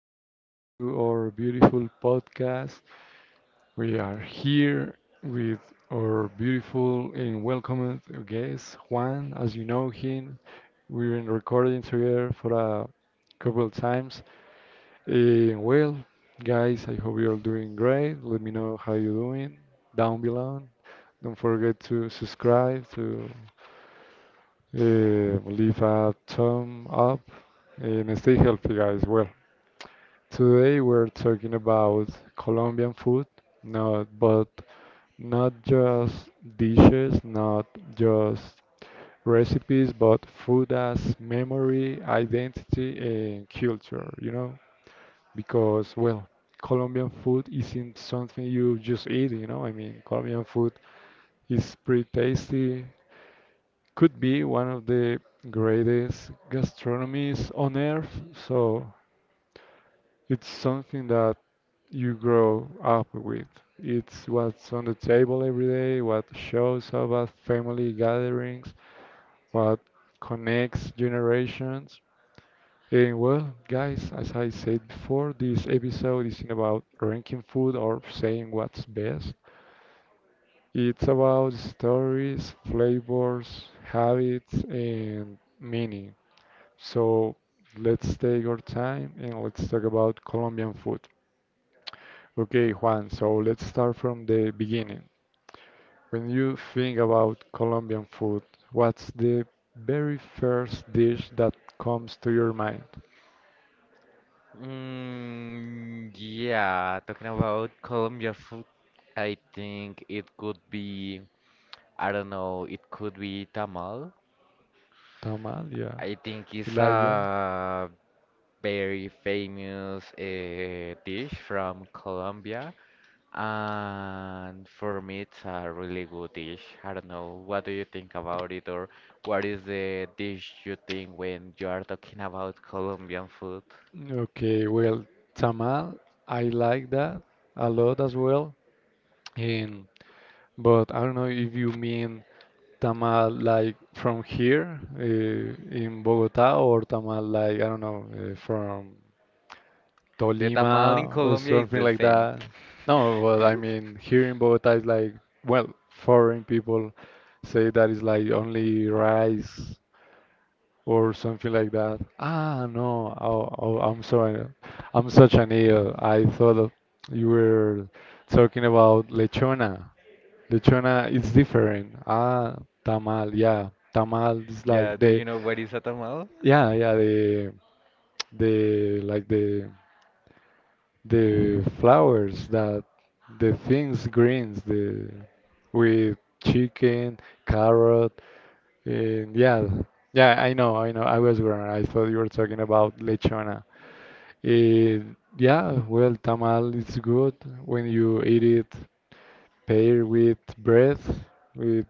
Welcome to our beautiful podcast. We are here with our beautiful and welcomed guest, Juan. As you know him, we've been recording together for a couple of times. Eh, well, guys, I hope you're doing great. Let me know how you're doing down below. Don't forget to subscribe, to leave a thumb up, and stay healthy, guys. Today we're talking about Colombian food, not but not just dishes, not just recipes, but food as memory, identity, and culture, you know? Because, well, Colombian food isn't something you just eat, I mean, Colombian food is pretty tasty, could be one of the greatest gastronomies on earth, so it's something that you grow up with. It's what's on the table every day, what shows up at family gatherings, what connects generations. And well, guys, as I said before, this episode isn't about ranking food or saying what's best. It's about stories, flavors, habits, and meaning. So let's take our time and let's talk about Colombian food. Okay, Juan, so let's start from the beginning. When you think about Colombian food, what's the very first dish that comes to your mind? Mm, yeah, talking about Colombia food, I think it could be, I don't know, it could be tamal. Tamal, yeah. I think You it's like that? a very famous dish from Colombia, and for me, it's a really good dish. I don't know, what do you think about it, or what is the dish you think when you are talking about Colombian food? Okay, well, tamal, I like that a lot as well. And but I don't know if you mean tamal like from here in Bogota or tamal like I don't know from The tamal in Tolima or Colombia is something the like same. that. No, well, I mean, here in Bogota is like, well, foreign people say that it's like only rice or something like that. Ah, no, oh, I'm sorry. I'm such an idiot. You were talking about lechona. Lechona is different. Ah, tamal, yeah. Tamal is Yeah, like do the, you know what is a tamal? Yeah, yeah, like the flowers that the things greens the with chicken carrot and yeah, yeah, I know, I know, I was wrong, I thought you were talking about lechona. Eh, yeah, well, tamal is good when you eat it paired with bread with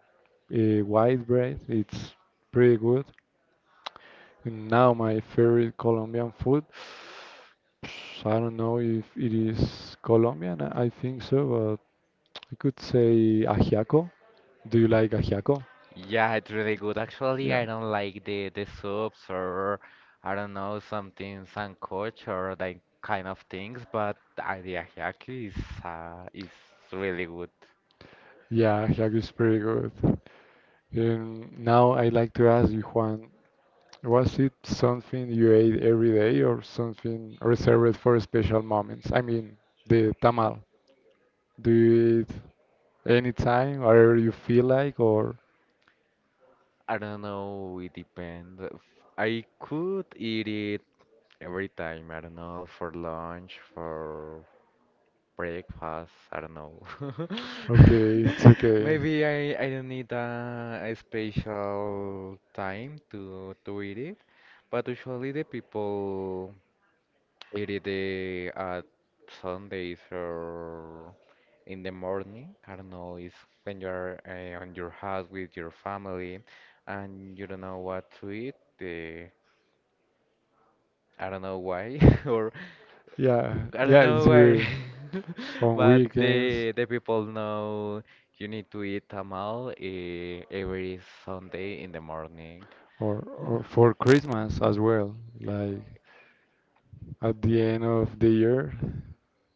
white bread. It's pretty good. And now my favorite Colombian food, I don't know if it is Colombian. I think so, I could say ajiaco. Do you like ajiaco? Yeah, it's really good. Actually, Yeah, I don't like the soups, or I don't know, something sancoch or that kind of things, but the ajiaco is really good. yeah, ajiaco is pretty good. Now I like to ask you, Juan, was it something you ate every day or something reserved for special moments? I mean, the tamal. Do you eat anytime, wherever you feel like, or I don't know, it depends. I could eat it every time. I don't know, for lunch, for breakfast. I don't know. okay, it's okay. Maybe I don't need a special time to eat it, but usually the people eat it at Sundays or in the morning. I don't know. It's when you're on your house with your family, and you don't know what to eat. I don't know why, or Yeah, I don't yeah, it's know why, weird. On but weekends. the people know you need to eat tamal every Sunday in the morning. Or for Christmas as well. Like at the end of the year,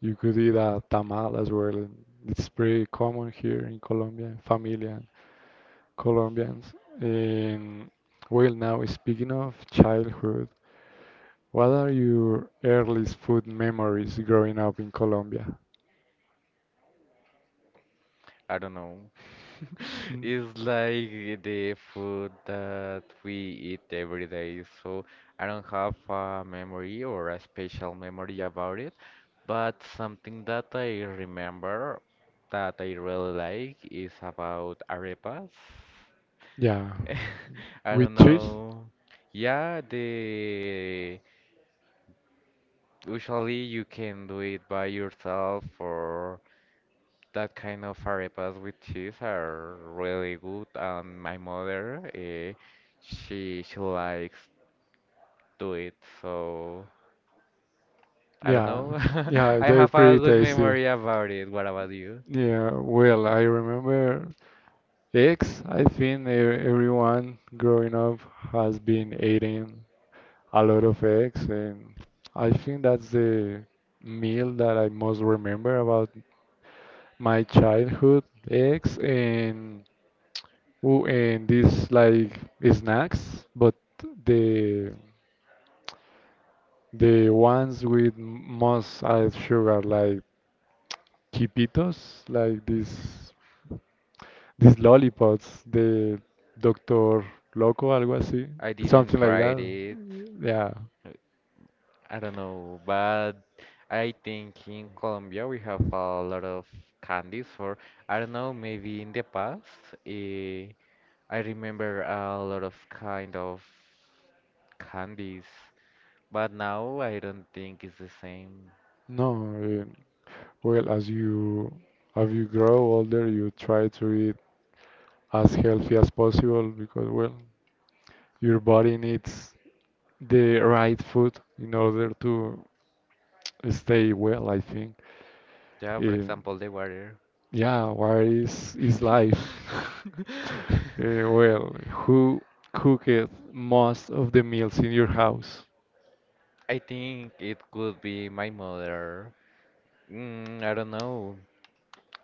you could eat a tamal as well. And it's pretty common here in Colombia, familia, Colombians. And well, now speaking of childhood, what are your earliest food memories growing up in Colombia? I don't know. It's like the food that we eat every day, so I don't have a memory or a special memory about it. But something that I remember that I really like is about arepas. Yeah, I with don't cheese? know. Yeah, the usually you can do it by yourself, or that kind of arepas with cheese are really good. And my mother, she likes do it. So I don't Yeah, know. yeah, I they're have a pretty good tasty. memory about it. What about you? Yeah, well, I remember eggs. I think everyone growing up has been eating a lot of eggs, and I think that's the meal that I most remember about my childhood. Eggs and ooh, and these like snacks, but the the ones with most added sugar, like Quipitos, like this. These lollipops, the Doctor Loco, algo así, I didn't something like try that. it. Yeah. I don't know, but I think in Colombia we have a lot of candies for, I don't know, maybe in the past, eh, I remember a lot of kind of candies, but now I don't think it's the same. No. eh, Well, as you grow older, you try to eat as healthy as possible because, well, your body needs the right food in order to stay well, I think. Yeah, for Eh, example, the water. yeah, what is life? Who cooked most of the meals in your house? I think it could be my mother. I don't know.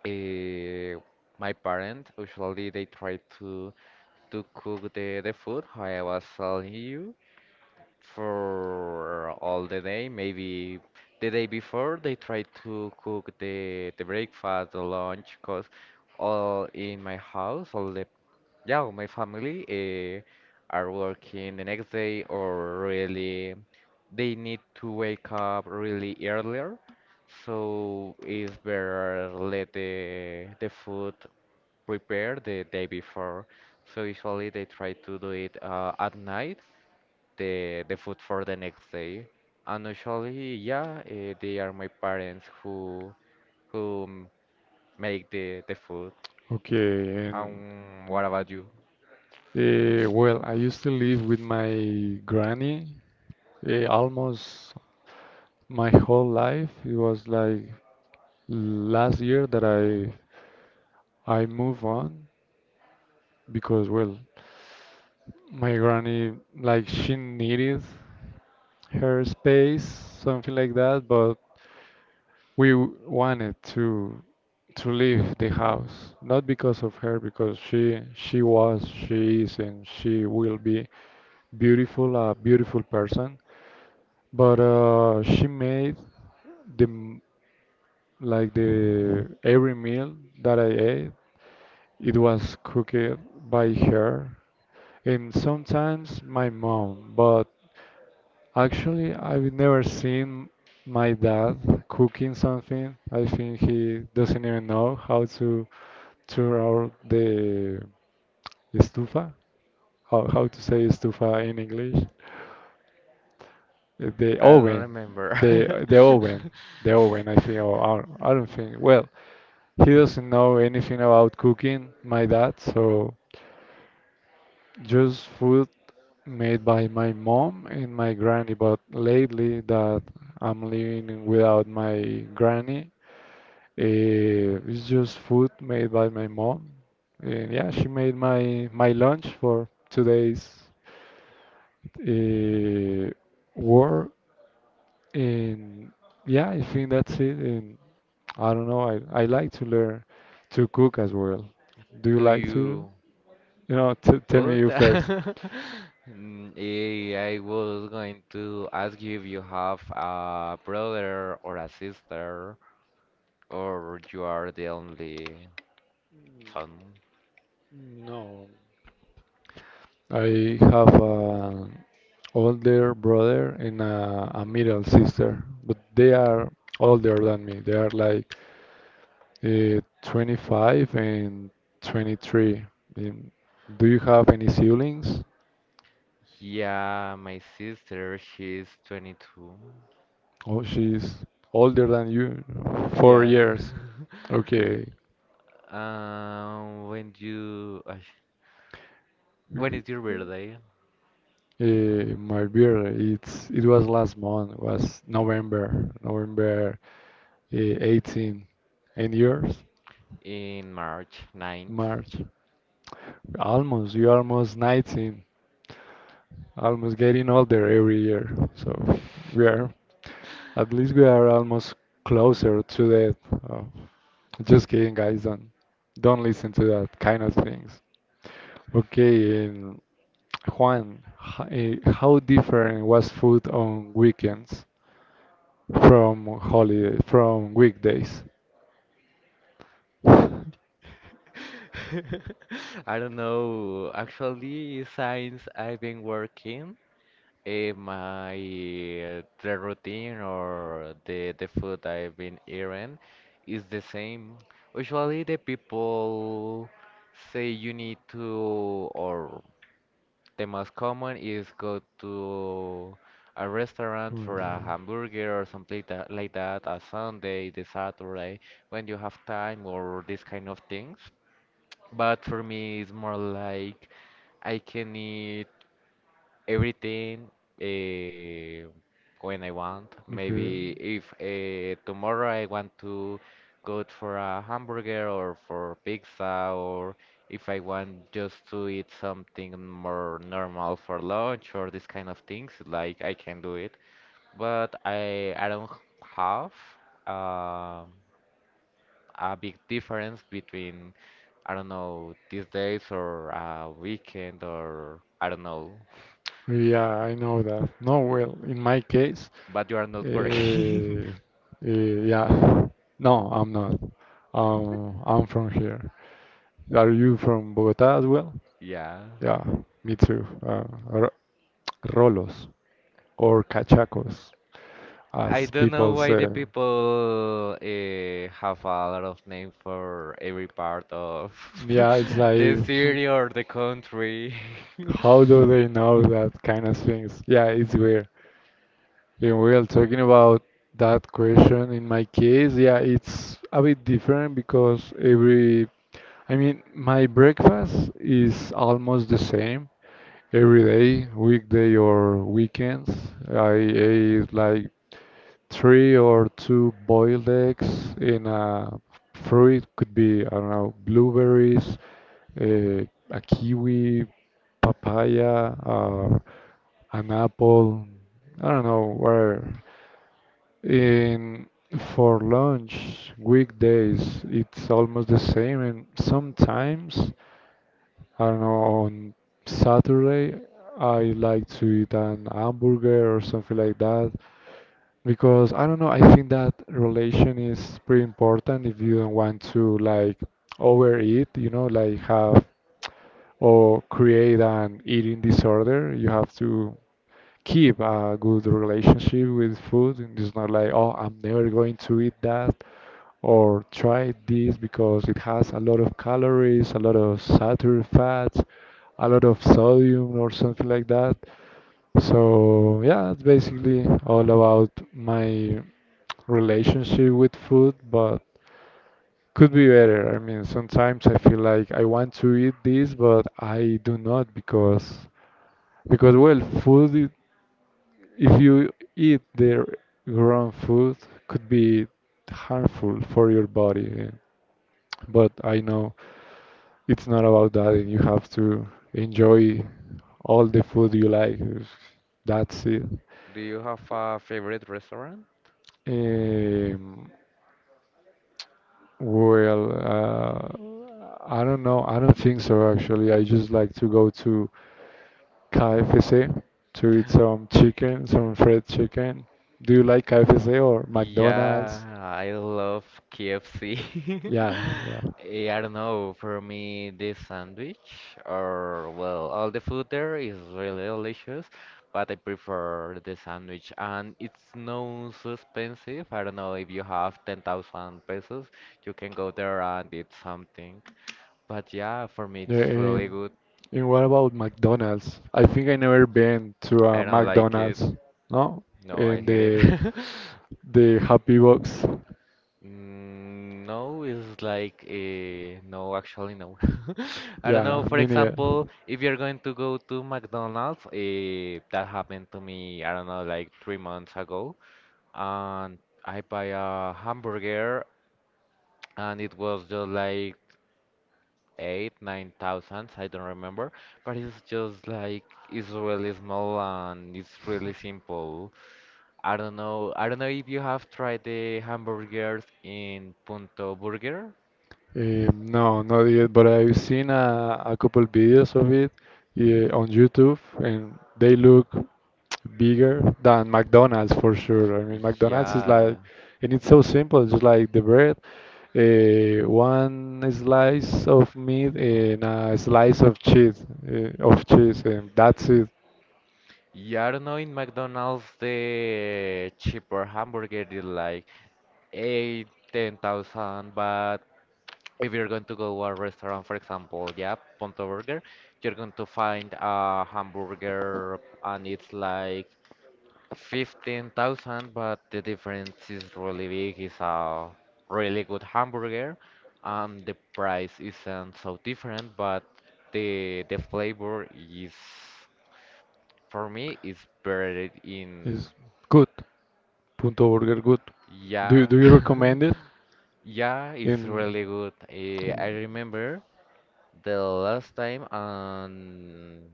Eh, my parents usually they try to cook the food, how I was telling you, for all the day. Maybe the day before they try to cook the breakfast, the lunch, cause all in my house, all the yeah, all my family are working the next day, or really they need to wake up really earlier. So it's better let the food prepare the day before. So usually they try to do it at night, the food for the next day. And usually, yeah, they are my parents who make the food. Okay, and What about you? Well, I used to live with my granny almost my whole life. It was like last year that I moved on because well, my granny like she needed her space, something like that, but wanted to leave the house, not because of her, because she was, she is, and she will be beautiful, a beautiful person. But she made the m- like the every meal that I ate, it was cooked by her and sometimes my mom. But actually, I've never seen my dad cooking something. I think he doesn't even know how to turn out the estufa. How to say estufa in English? The I don't oven, remember. the oven, the oven. I think or I don't think. Well, he doesn't know anything about cooking, my dad, so just food made by my mom and my granny. But lately that I'm living without my granny, it's just food made by my mom. And yeah, she made my lunch for today's uh, work. And yeah, I think that's it. And I don't know, I like to learn to cook as well. Do you Do like to? you You know, t tell me food? you first. I was going to ask you if you have a brother or a sister. Or you are the only N- son? No. I have an older brother and a middle sister, but they are older than me. They are like 25 and 23. And do you have any siblings? Yeah, my sister, she's 22. Oh, she's older than you, four Yeah. years. Okay. Um, when you, ay, when is your birthday? My birthday, it was last month, was November, November 18. And yours? In March 9th. March. Almost. You're almost 19. Almost getting older every year. So we are, at least we are almost closer to that. Uh, just kidding, guys. Don't listen to that kind of things. Okay, and Juan, how different was food on weekends from holiday, from weekdays? I don't know. Actually, since I've been working. Eh, my the routine or the food I've been eating is the same. Usually the people say you need to, or the most common is go to a restaurant Well, for a yeah. hamburger or something like that, a Sunday, the Saturday, when you have time or these kind of things. But for me it's more like I can eat everything uh, when I want. Maybe Okay. if tomorrow I want to go for a hamburger or for pizza, or if I want just to eat something more normal for lunch or this kind of things, like I can do it. But I don't have um a big difference between, I don't know, these days or a weekend, or I don't know. Yeah, I know that. No, well, in my case, But you are uh, not working. uh, yeah. No, I'm not. I'm from here. Are you from Bogota as well? Yeah. Yeah, me too. Rolos or cachacos, I as don't know people why say. the people have a lot of name for every part of Yeah, it's the like, city or the country. how do they know that kind of things? Yeah, it's weird. And we are talking about that question. In my case, yeah, it's a bit different because every, I mean, my breakfast is almost the same every day, weekday or weekends. I ate like three or two boiled eggs in a fruit could be I don't know blueberries, uh, a kiwi, papaya, an apple. I don't know where. In For lunch weekdays it's almost the same, and sometimes I don't know on Saturday I like to eat an hamburger or something like that. Because I don't know, I think that relation is pretty important if you don't want to like overeat, you know, like have or create an eating disorder. You have to keep a good relationship with food and it's not like, oh, I'm never going to eat that or try this because it has a lot of calories, a lot of saturated fats, a lot of sodium or something like that. So yeah, it's basically all about my relationship with food, but could be better. I mean, sometimes I feel like I want to eat this, but I do not because well, if you eat the wrong food could be harmful for your body. Yeah. But I know it's not about that, and you have to enjoy all the food you like. That's it. Do you have a favorite restaurant? Um, I don't know. I don't think so, actually. I just like to go to KFC to eat some chicken, some fried chicken. Do you like KFC or Yeah, McDonald's? I love KFC. Yeah, yeah. I don't know, for me, this sandwich, or, well, all the food there is really delicious, but I prefer the sandwich. And it's not so expensive. I don't know, if you have 10,000 pesos, you can go there and eat something. But yeah, for me, Yeah, it's really good. and what about McDonald's? I think I never been to a I don't like it. McDonald's, no? No, I And hate it. The Happy Box. No, it's like no, actually no. I don't know. Yeah, For me neither. example, if you're going to go to McDonald's, that happened to me, I don't know, like 3 months ago, and I buy a hamburger, and it was just like eight, 9,000. I don't remember, but it's just like it's really small and it's really simple. I don't know. I don't know if you have tried the hamburgers in Punto Burger. No, not yet, but I've seen a couple videos of it yeah, on YouTube, and they look bigger than McDonald's for sure. I mean, McDonald's is like, Yeah. and it's so simple, just like the bread, one slice of meat and a slice of cheese, and that's it. Yeah, I don't know, in McDonald's the cheaper hamburger is like eight, 10,000, but if you're going to go to a restaurant, for example, yeah, Ponto Burger, you're going to find a hamburger and it's like 15,000, but the difference is really big. It's a really good hamburger, and the price isn't so different, but the flavor is for me, it's buried in, It's good. Punto Burger, good. Yeah. Do you recommend it? Yeah, it's In really good. I And, remember the last time, and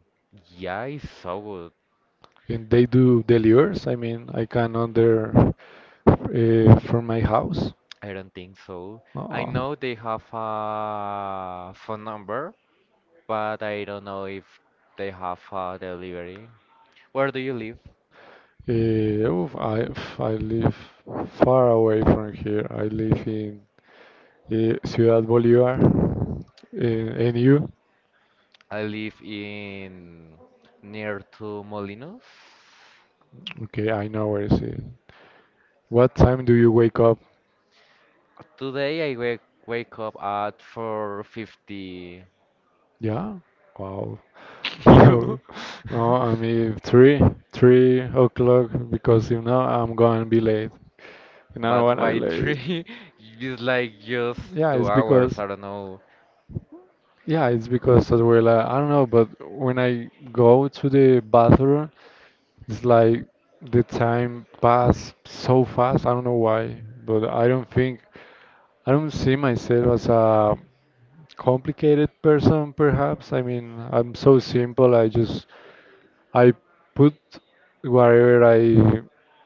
yeah, it's so good. and they do deliveries. I mean, I can order from my house. I don't think so. I Uh, know they have a phone number, but I don't know if they have a delivery. Where do you live? I live far away from here. I live in Ciudad Bolívar. And you? I live in near to Molinos. Okay, I know where is it. What time do you wake up? Today I wake up at 4:50. Yeah? Wow. You, No, no, I mean three, 3 o'clock because you know I'm gonna be late, and I don't but wanna be why late. three? It's like just Yeah, two it's hours. because I don't know. yeah, it's because as well. I don't know, but when I go to the bathroom, it's like the time pass so fast. I don't know why, but I don't think I don't see myself as a complicated person. Perhaps I mean I'm so simple. I just I put whatever I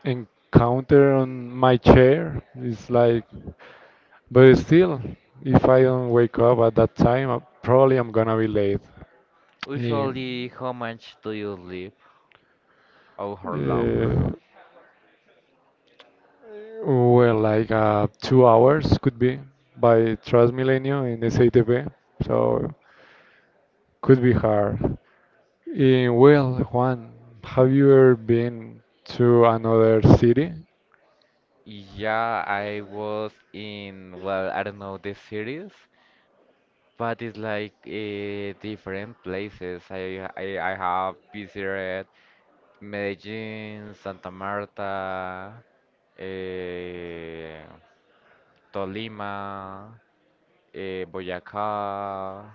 encounter on my chair. It's like. But still, if I don't wake up at that time, probably I'm gonna be late. Yeah. Usually, how much do you sleep? Or how long? Uh, like 2 hours could be by Transmilenio in SATP, so could be hard. Juan, have you ever been to another city? Yeah, I was in, well, I don't know the cities, but it's like different places. I have visited Medellin, Santa Marta, eh, Tolima, Boyacá.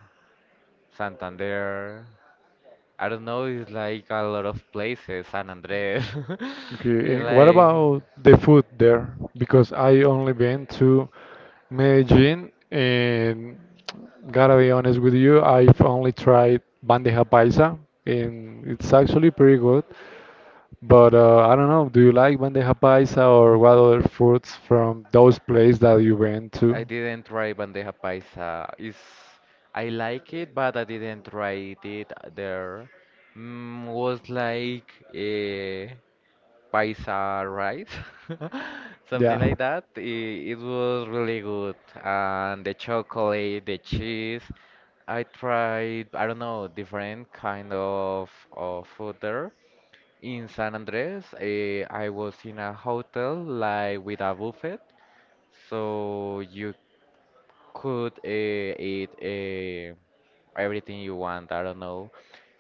Santander. I don't know, it's like a lot of places, San Andres. Okay, and what Like, about the food there? Because I only been to Medellin and gotta be honest with you, I've only tried bandeja paisa and it's actually pretty good. But I don't know, do you like bandeja paisa or what other foods from those places that you went to? I didn't try bandeja paisa. It's, I like it, but I didn't try it there. Was like a paisa rice, Yeah. something like that. It was really good. And the chocolate, the cheese. I tried, I don't know, different kind of food there. In San Andres, I was in a hotel like with a buffet, so you could eat everything you want. I don't know,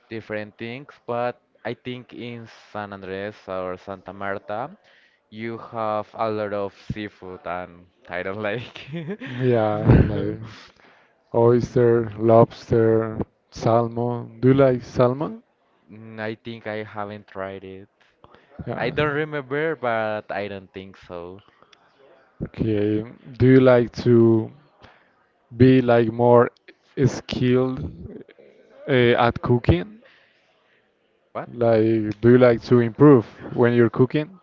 different things, but I think in San Andres or Santa Marta, you have a lot of seafood, and I don't like. it. Yeah, So, like oyster, lobster, salmon. Do you like salmon? I think I haven't tried it. I Yeah. don't remember, but I don't think so. Okay. Do you like to be like more skilled at cooking? What? Like, do you like to improve when you're cooking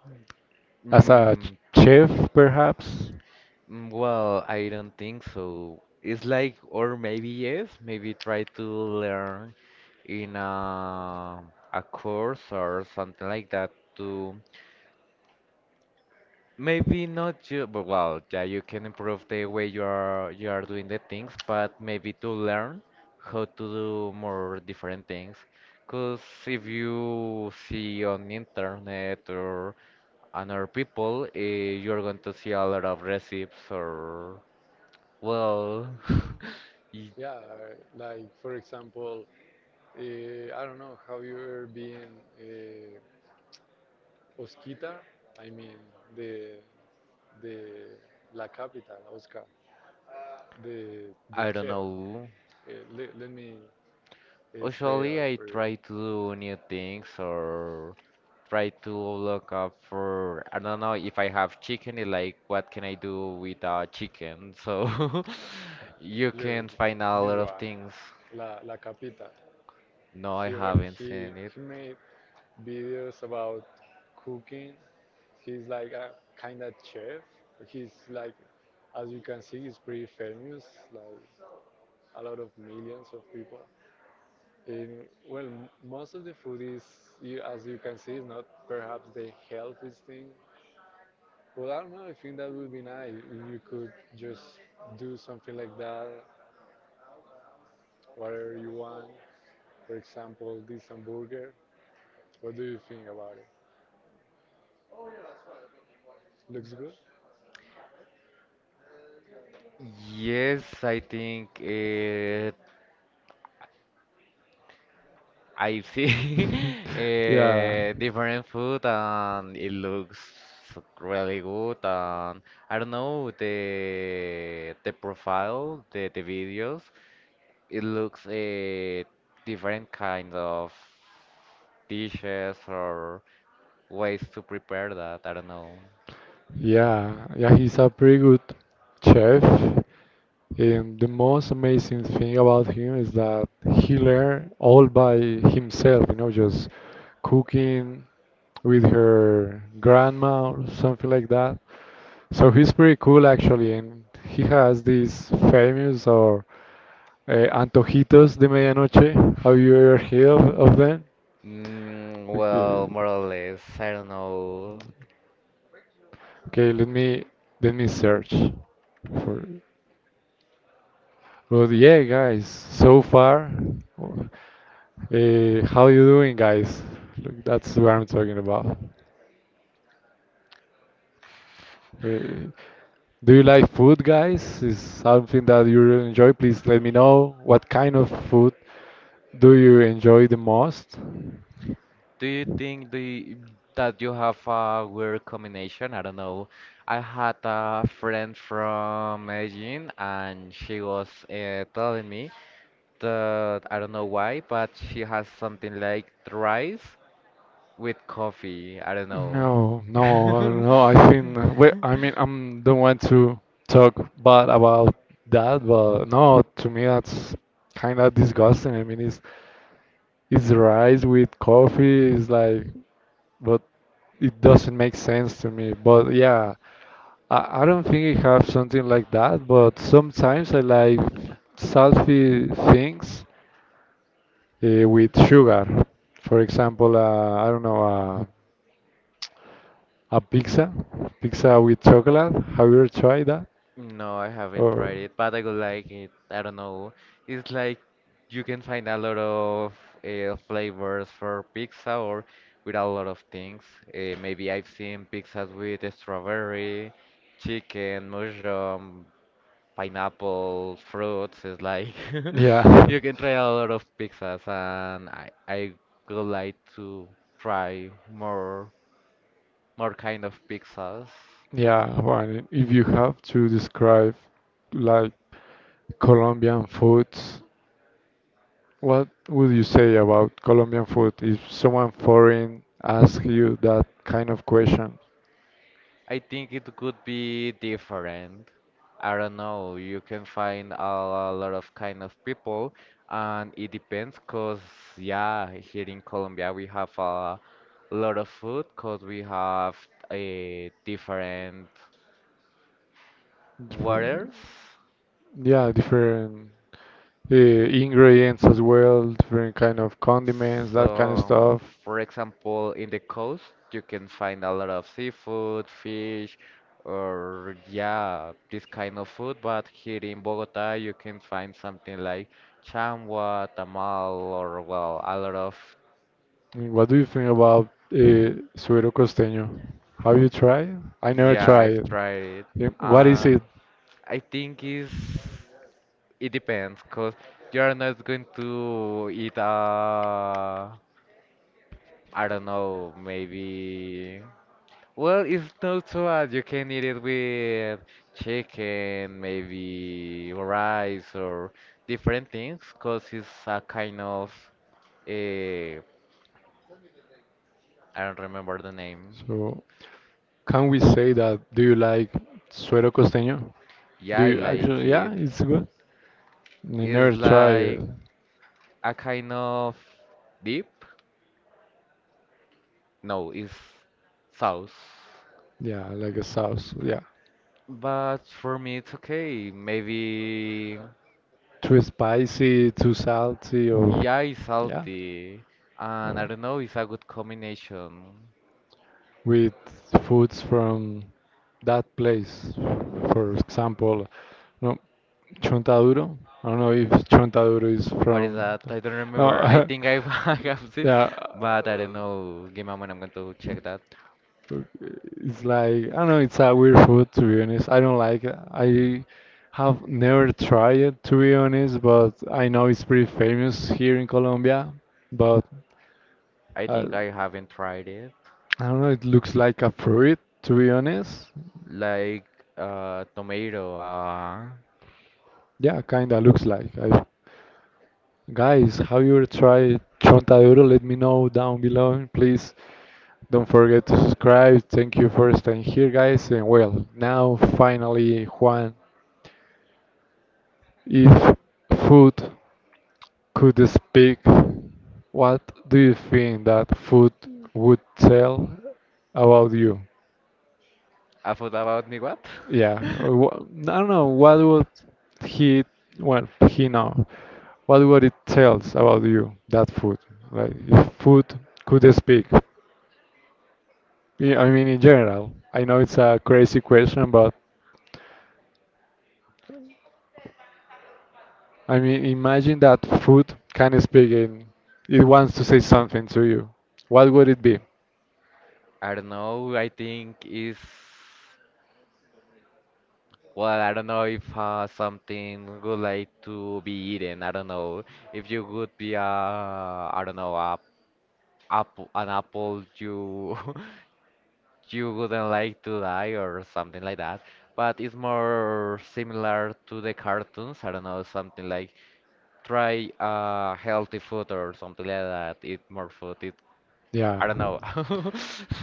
as a Mm, chef, perhaps? Well, I don't think so. It's like, or maybe yes, maybe try to learn in a course or something like that, to maybe not you, but well, yeah, you can improve the way you are doing the things, but maybe to learn how to do more different things. Because if you see on internet or other people, you're going to see a lot of recipes, or well. y- Yeah, like for example, I don't know, have you ever been uh, Osquita? I mean, the the la capital, Oscar, the I don't chef. know. Let me spell it out Usually I for you. try to do new things, or try to look up for, I don't know, if I have chicken, it's like what can I do with chicken? So you Look, can find a this lot of one. things. La, La Capita. No, I haven't seen it. He made videos about cooking. He's like a kind of chef. He's like, as you can see, he's pretty famous, like a lot of millions of people. And well, most of the food is, you, as you can see, is not perhaps the healthiest thing. Well, I don't know. I think that would be nice if you could just do something like that, whatever you want. For example, this hamburger. What do you think about it? Looks good? Yes, I think I see different food, and it looks really good, and I don't know, the profile, the videos, it looks different kind of dishes or ways to prepare that I don't know. Yeah, yeah, he's a pretty good chef. And the most amazing thing about him is that he learned all by himself, just cooking with her grandma or something like that. So he's pretty cool actually, and he has these famous or antojitos de medianoche. Have you ever heard of them? Mm, Okay, well, more or less, I don't know. okay, let me search for. But yeah, guys, so far, w- how you doing, guys? Look, that's what I'm talking about. Re- Do you like food, guys? Is something that you really enjoy? Please let me know what kind of food do you enjoy the most. Do you think the that you have a weird combination? I don't know. I had a friend from Medellin, and she was telling me that, I don't know why, but she has something like rice with coffee. I don't know. No, no, no. I think well, I mean I'm don't want to talk bad about that, but no, to me that's kind of disgusting. I mean, it's rice with coffee. It's like, but it doesn't make sense to me. But yeah, I don't think I have something like that. But sometimes I like salty things with sugar. For example, I don't know, a pizza, pizza with chocolate. Have you ever tried that? No, I haven't Or tried it, but I would like it. I don't know. It's like you can find a lot of flavors for pizza or with a lot of things. Maybe I've seen pizzas with strawberry, chicken, mushroom, pineapple, fruits. It's like yeah. you can try a lot of pizzas, and I would like to try more kind of pizzas. Yeah, well, if you have to describe like Colombian food, what would you say about Colombian food if someone foreign asks you that kind of question? I think it could be different. I don't know. You can find a lot of kind of people, and it depends. Cause yeah, here in Colombia we have a lot of food. Cause we have a different Different, waters. yeah, different ingredients as well, different kind of condiments, that kind of So, stuff. for example, in the coast, you can find a lot of seafood, fish, or yeah, this kind of food. But here in Bogota, you can find something like changua, tamal, or, well, a lot of. Mm, what do you think about suero costeño? Have you tried? I never Yeah, tried I've it. tried it, Yeah, what is and it? I think is it depends, cause you are not going to eat I don't know, maybe. Well, it's not so bad. You can eat it with chicken, maybe rice, or different things, cause it's a kind of. I I don't remember the name. So can we say that do you like suero costeño? Yeah, Do I you like actually? Yeah, it. it's good. I It's never tried it. like a kind of dip. No, it's sauce. Yeah, like a sauce. Yeah, But for me, it's okay. Maybe, too spicy, too salty, or yeah, it's yeah. salty, and Oh, I don't know. It's a good combination. with foods from that place. For example, no, Chontaduro. I don't know if Chontaduro is What is from. that? I don't No, remember. I think I've I have seen, yeah. but I don't know. Give me a moment. I'm going to check that. It's like I don't know. It's a weird food to be honest. I don't like it. I have never tried it to be honest, but I know it's pretty famous here in Colombia. But I I, think I haven't tried it. I don't know, it looks like a fruit, to be honest. Like tomato. Uh, Yeah, kinda looks like. I, guys, have you ever tried Chontaduro? Let me know down below. Please don't forget to subscribe. Thank you for staying here, guys. And well, now finally, Juan, if food could speak, what do you think that food would tell about you? a food about me what? Yeah, I don't know what would he, well, he know, what would it tells about you, that food? Like, if food could speak. Yeah, I mean, in general, I know it's a crazy question, but I mean, imagine that food can speak and it wants to say something to you. What would it be? I don't know. I think is well. I don't know if something would like to be eaten. I don't know if you would be I don't know, a apple an apple. You you wouldn't like to die or something like that. But it's more similar to the cartoons. I don't know, something like try healthy food or something like that. Eat more food. Yeah, I don't know.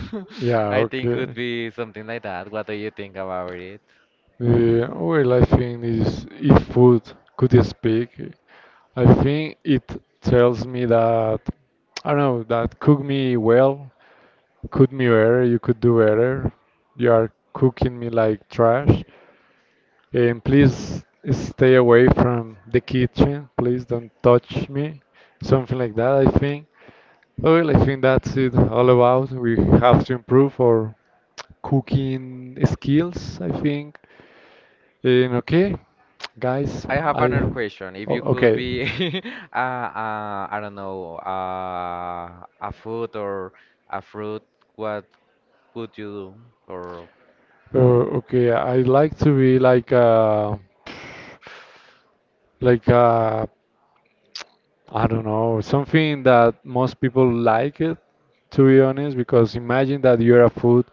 yeah, I think okay. could be something like that. What do you think about it? The other I think is if food could speak, I think it tells me that I don't know that cook me well, cook me better, you could do better. You are cooking me like trash, and please stay away from the kitchen. Please don't touch me. Something like that, I think. Well, I think that's it all about. We have to improve our cooking skills, I think. Okay, guys, I have I. another question. If Oh, you could okay. be, I don't know, a food or a fruit, what would you do? Or Okay, I like to be like a I don't know, something that most people like it, to be honest, because imagine that you're a food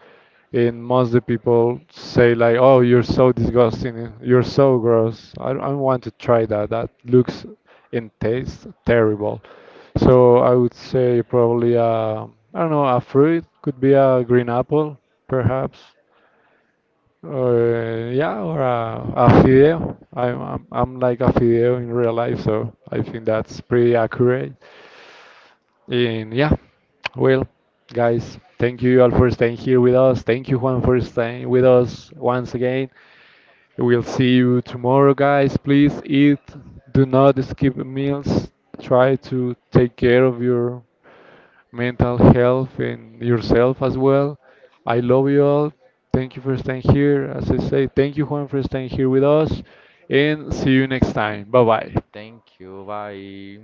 and most the people say like, "Oh, you're so disgusting, you're so gross. I don't want to try that. That looks and tastes terrible." So I would say probably I don't know, a fruit could be a green apple, perhaps. Or yeah, or a fideo. I'm like a fideo in real life, so I think that's pretty accurate. And yeah, well, guys, thank you all for staying here with us. Thank you, Juan, for staying with us once again. We'll see you tomorrow, guys. Please eat. Do not skip meals. Try to take care of your mental health and yourself as well. I love you all. Thank you for staying here. As I say, thank you, Juan, for staying here with us. And see you next time. Bye bye. thank you, bye.